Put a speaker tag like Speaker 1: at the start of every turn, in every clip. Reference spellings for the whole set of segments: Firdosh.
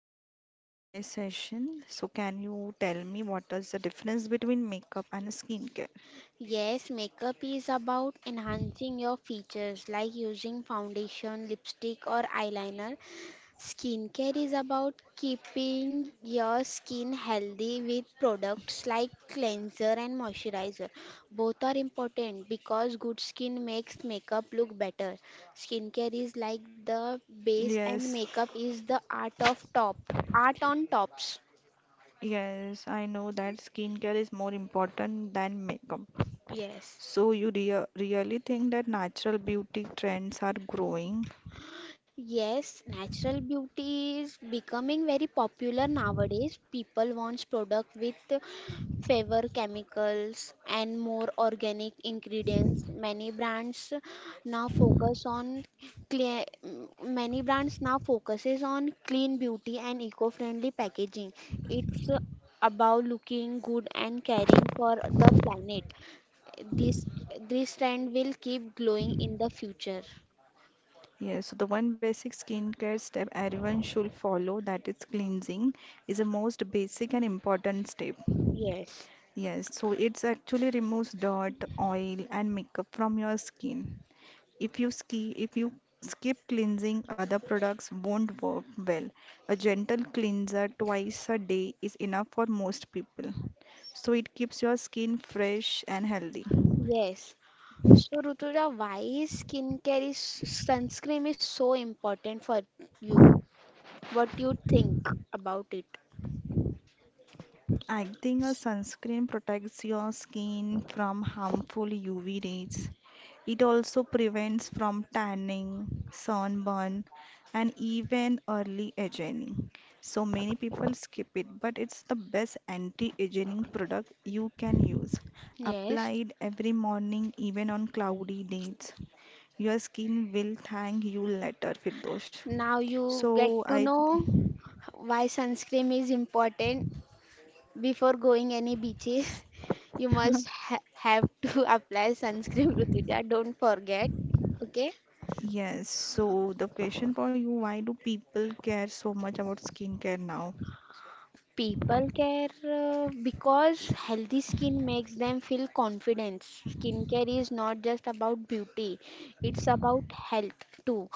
Speaker 1: start with the Q&A session. So can you tell me what is the difference between makeup and skincare?
Speaker 2: Yes, makeup is about enhancing your features like using foundation, lipstick, or eyeliner. Skincare is about keeping your skin healthy with products like cleanser and moisturizer. Both are important because good skin makes makeup look better. Skincare is like the base, and
Speaker 1: Yes,
Speaker 2: makeup is the art of top, art on tops.
Speaker 1: yes, I know that skincare is more important than makeup.
Speaker 2: Yes.
Speaker 1: So you really think that natural beauty trends are growing?
Speaker 2: Yes, natural beauty is becoming very popular nowadays. People want product with fewer chemicals and more organic ingredients. Many brands now focus on clear, many brands now focuses on clean beauty and eco-friendly packaging. It's about looking good and caring for the planet. This this trend will keep growing in the future.
Speaker 1: Yes, so the one basic skincare step everyone should follow, that is cleansing, is the most basic and important step.
Speaker 2: Yes.
Speaker 1: Yes, so it's actually removes dirt, oil, and makeup from your skin. If you skip cleansing, other products won't work well. A gentle cleanser twice a day is enough for most people. So it keeps your skin fresh and healthy.
Speaker 2: Yes, so, Rutuja, why skincare is sunscreen is so important for you? What do you think about it?
Speaker 1: I think a sunscreen protects your skin from harmful UV rays. It also prevents from tanning, sunburn, and even early aging. So many people skip it, but it's the best anti-aging product you can use.
Speaker 2: Yes.
Speaker 1: Applied every morning, even on cloudy days. Your skin will thank you later, Firdosh.
Speaker 2: Now you
Speaker 1: So
Speaker 2: get to
Speaker 1: I
Speaker 2: know why sunscreen is important. Before going any beaches, you must ha have to apply sunscreen, Rutuja. Don't forget. Okay?
Speaker 1: yes, so the question for you, why do people care so much about skincare now?
Speaker 2: People care because healthy skin makes them feel confident. Skincare is not just about beauty, it's about health too.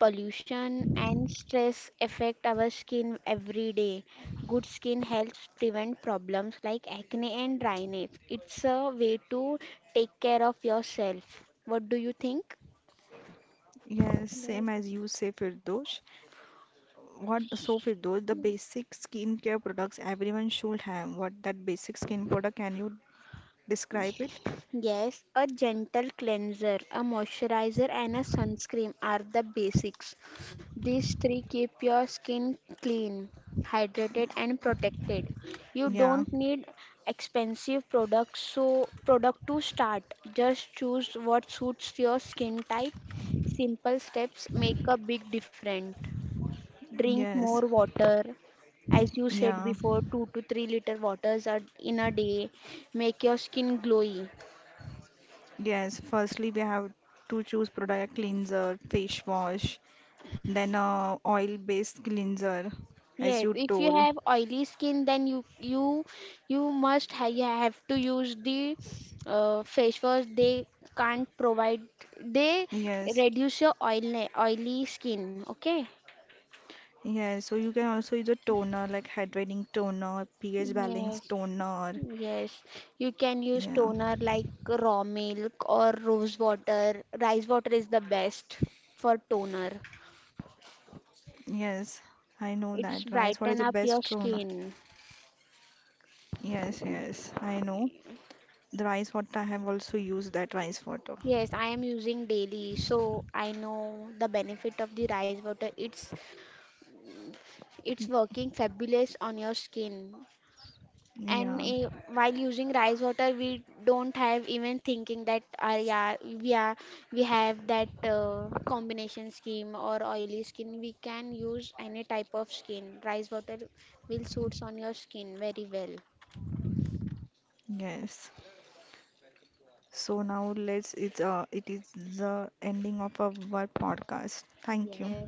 Speaker 2: Pollution and stress affect our skin every day. Good skin helps prevent problems like acne and dryness. It's a way to take care of yourself. What do you think?
Speaker 1: Yes, same
Speaker 2: Yes.
Speaker 1: as you say, Firdosh. What so Firdosh, the basic skincare products everyone should have. What that basic skin product, can you describe it?
Speaker 2: Yes, a gentle cleanser, a moisturizer, and a sunscreen are the basics. These three keep your skin clean, hydrated, and protected. You
Speaker 1: Yeah,
Speaker 2: don't need expensive product to start. Just choose what suits your skin type. Simple steps make a big difference. Drink
Speaker 1: yes,
Speaker 2: more water, as you said
Speaker 1: yeah,
Speaker 2: before, 2 to 3 liter waters are in a day, make your skin glowy.
Speaker 1: yes. Firstly, we have to choose product like cleanser, face wash, then oil-based cleanser, as
Speaker 2: Yes,
Speaker 1: you
Speaker 2: if you
Speaker 1: told.
Speaker 2: have oily skin, then you must ha you have to use the face wash. They can't provide. They
Speaker 1: Yes.
Speaker 2: reduce your oily skin. Okay.
Speaker 1: Yeah, so you can also use a toner like hydrating toner, pH balance
Speaker 2: Yes,
Speaker 1: toner.
Speaker 2: yes. You can use
Speaker 1: Yeah,
Speaker 2: toner like raw milk or rose water. Rice water is the best for toner.
Speaker 1: yes, I know
Speaker 2: It's
Speaker 1: that. Rice water is
Speaker 2: brighten
Speaker 1: the
Speaker 2: up your
Speaker 1: best toner.
Speaker 2: skin.
Speaker 1: Yes, yes, I know. The rice water, I have also used that rice water.
Speaker 2: Yes, I am using daily, so I know the benefit of the rice water. It's working fabulous on your skin. And
Speaker 1: Yeah,
Speaker 2: while using rice water, we don't have even thinking that we have that combination skin or oily skin. We can use any type of skin. Rice water will suits on your skin very well.
Speaker 1: yes. It is the ending of our podcast. Thank you.
Speaker 2: Yes.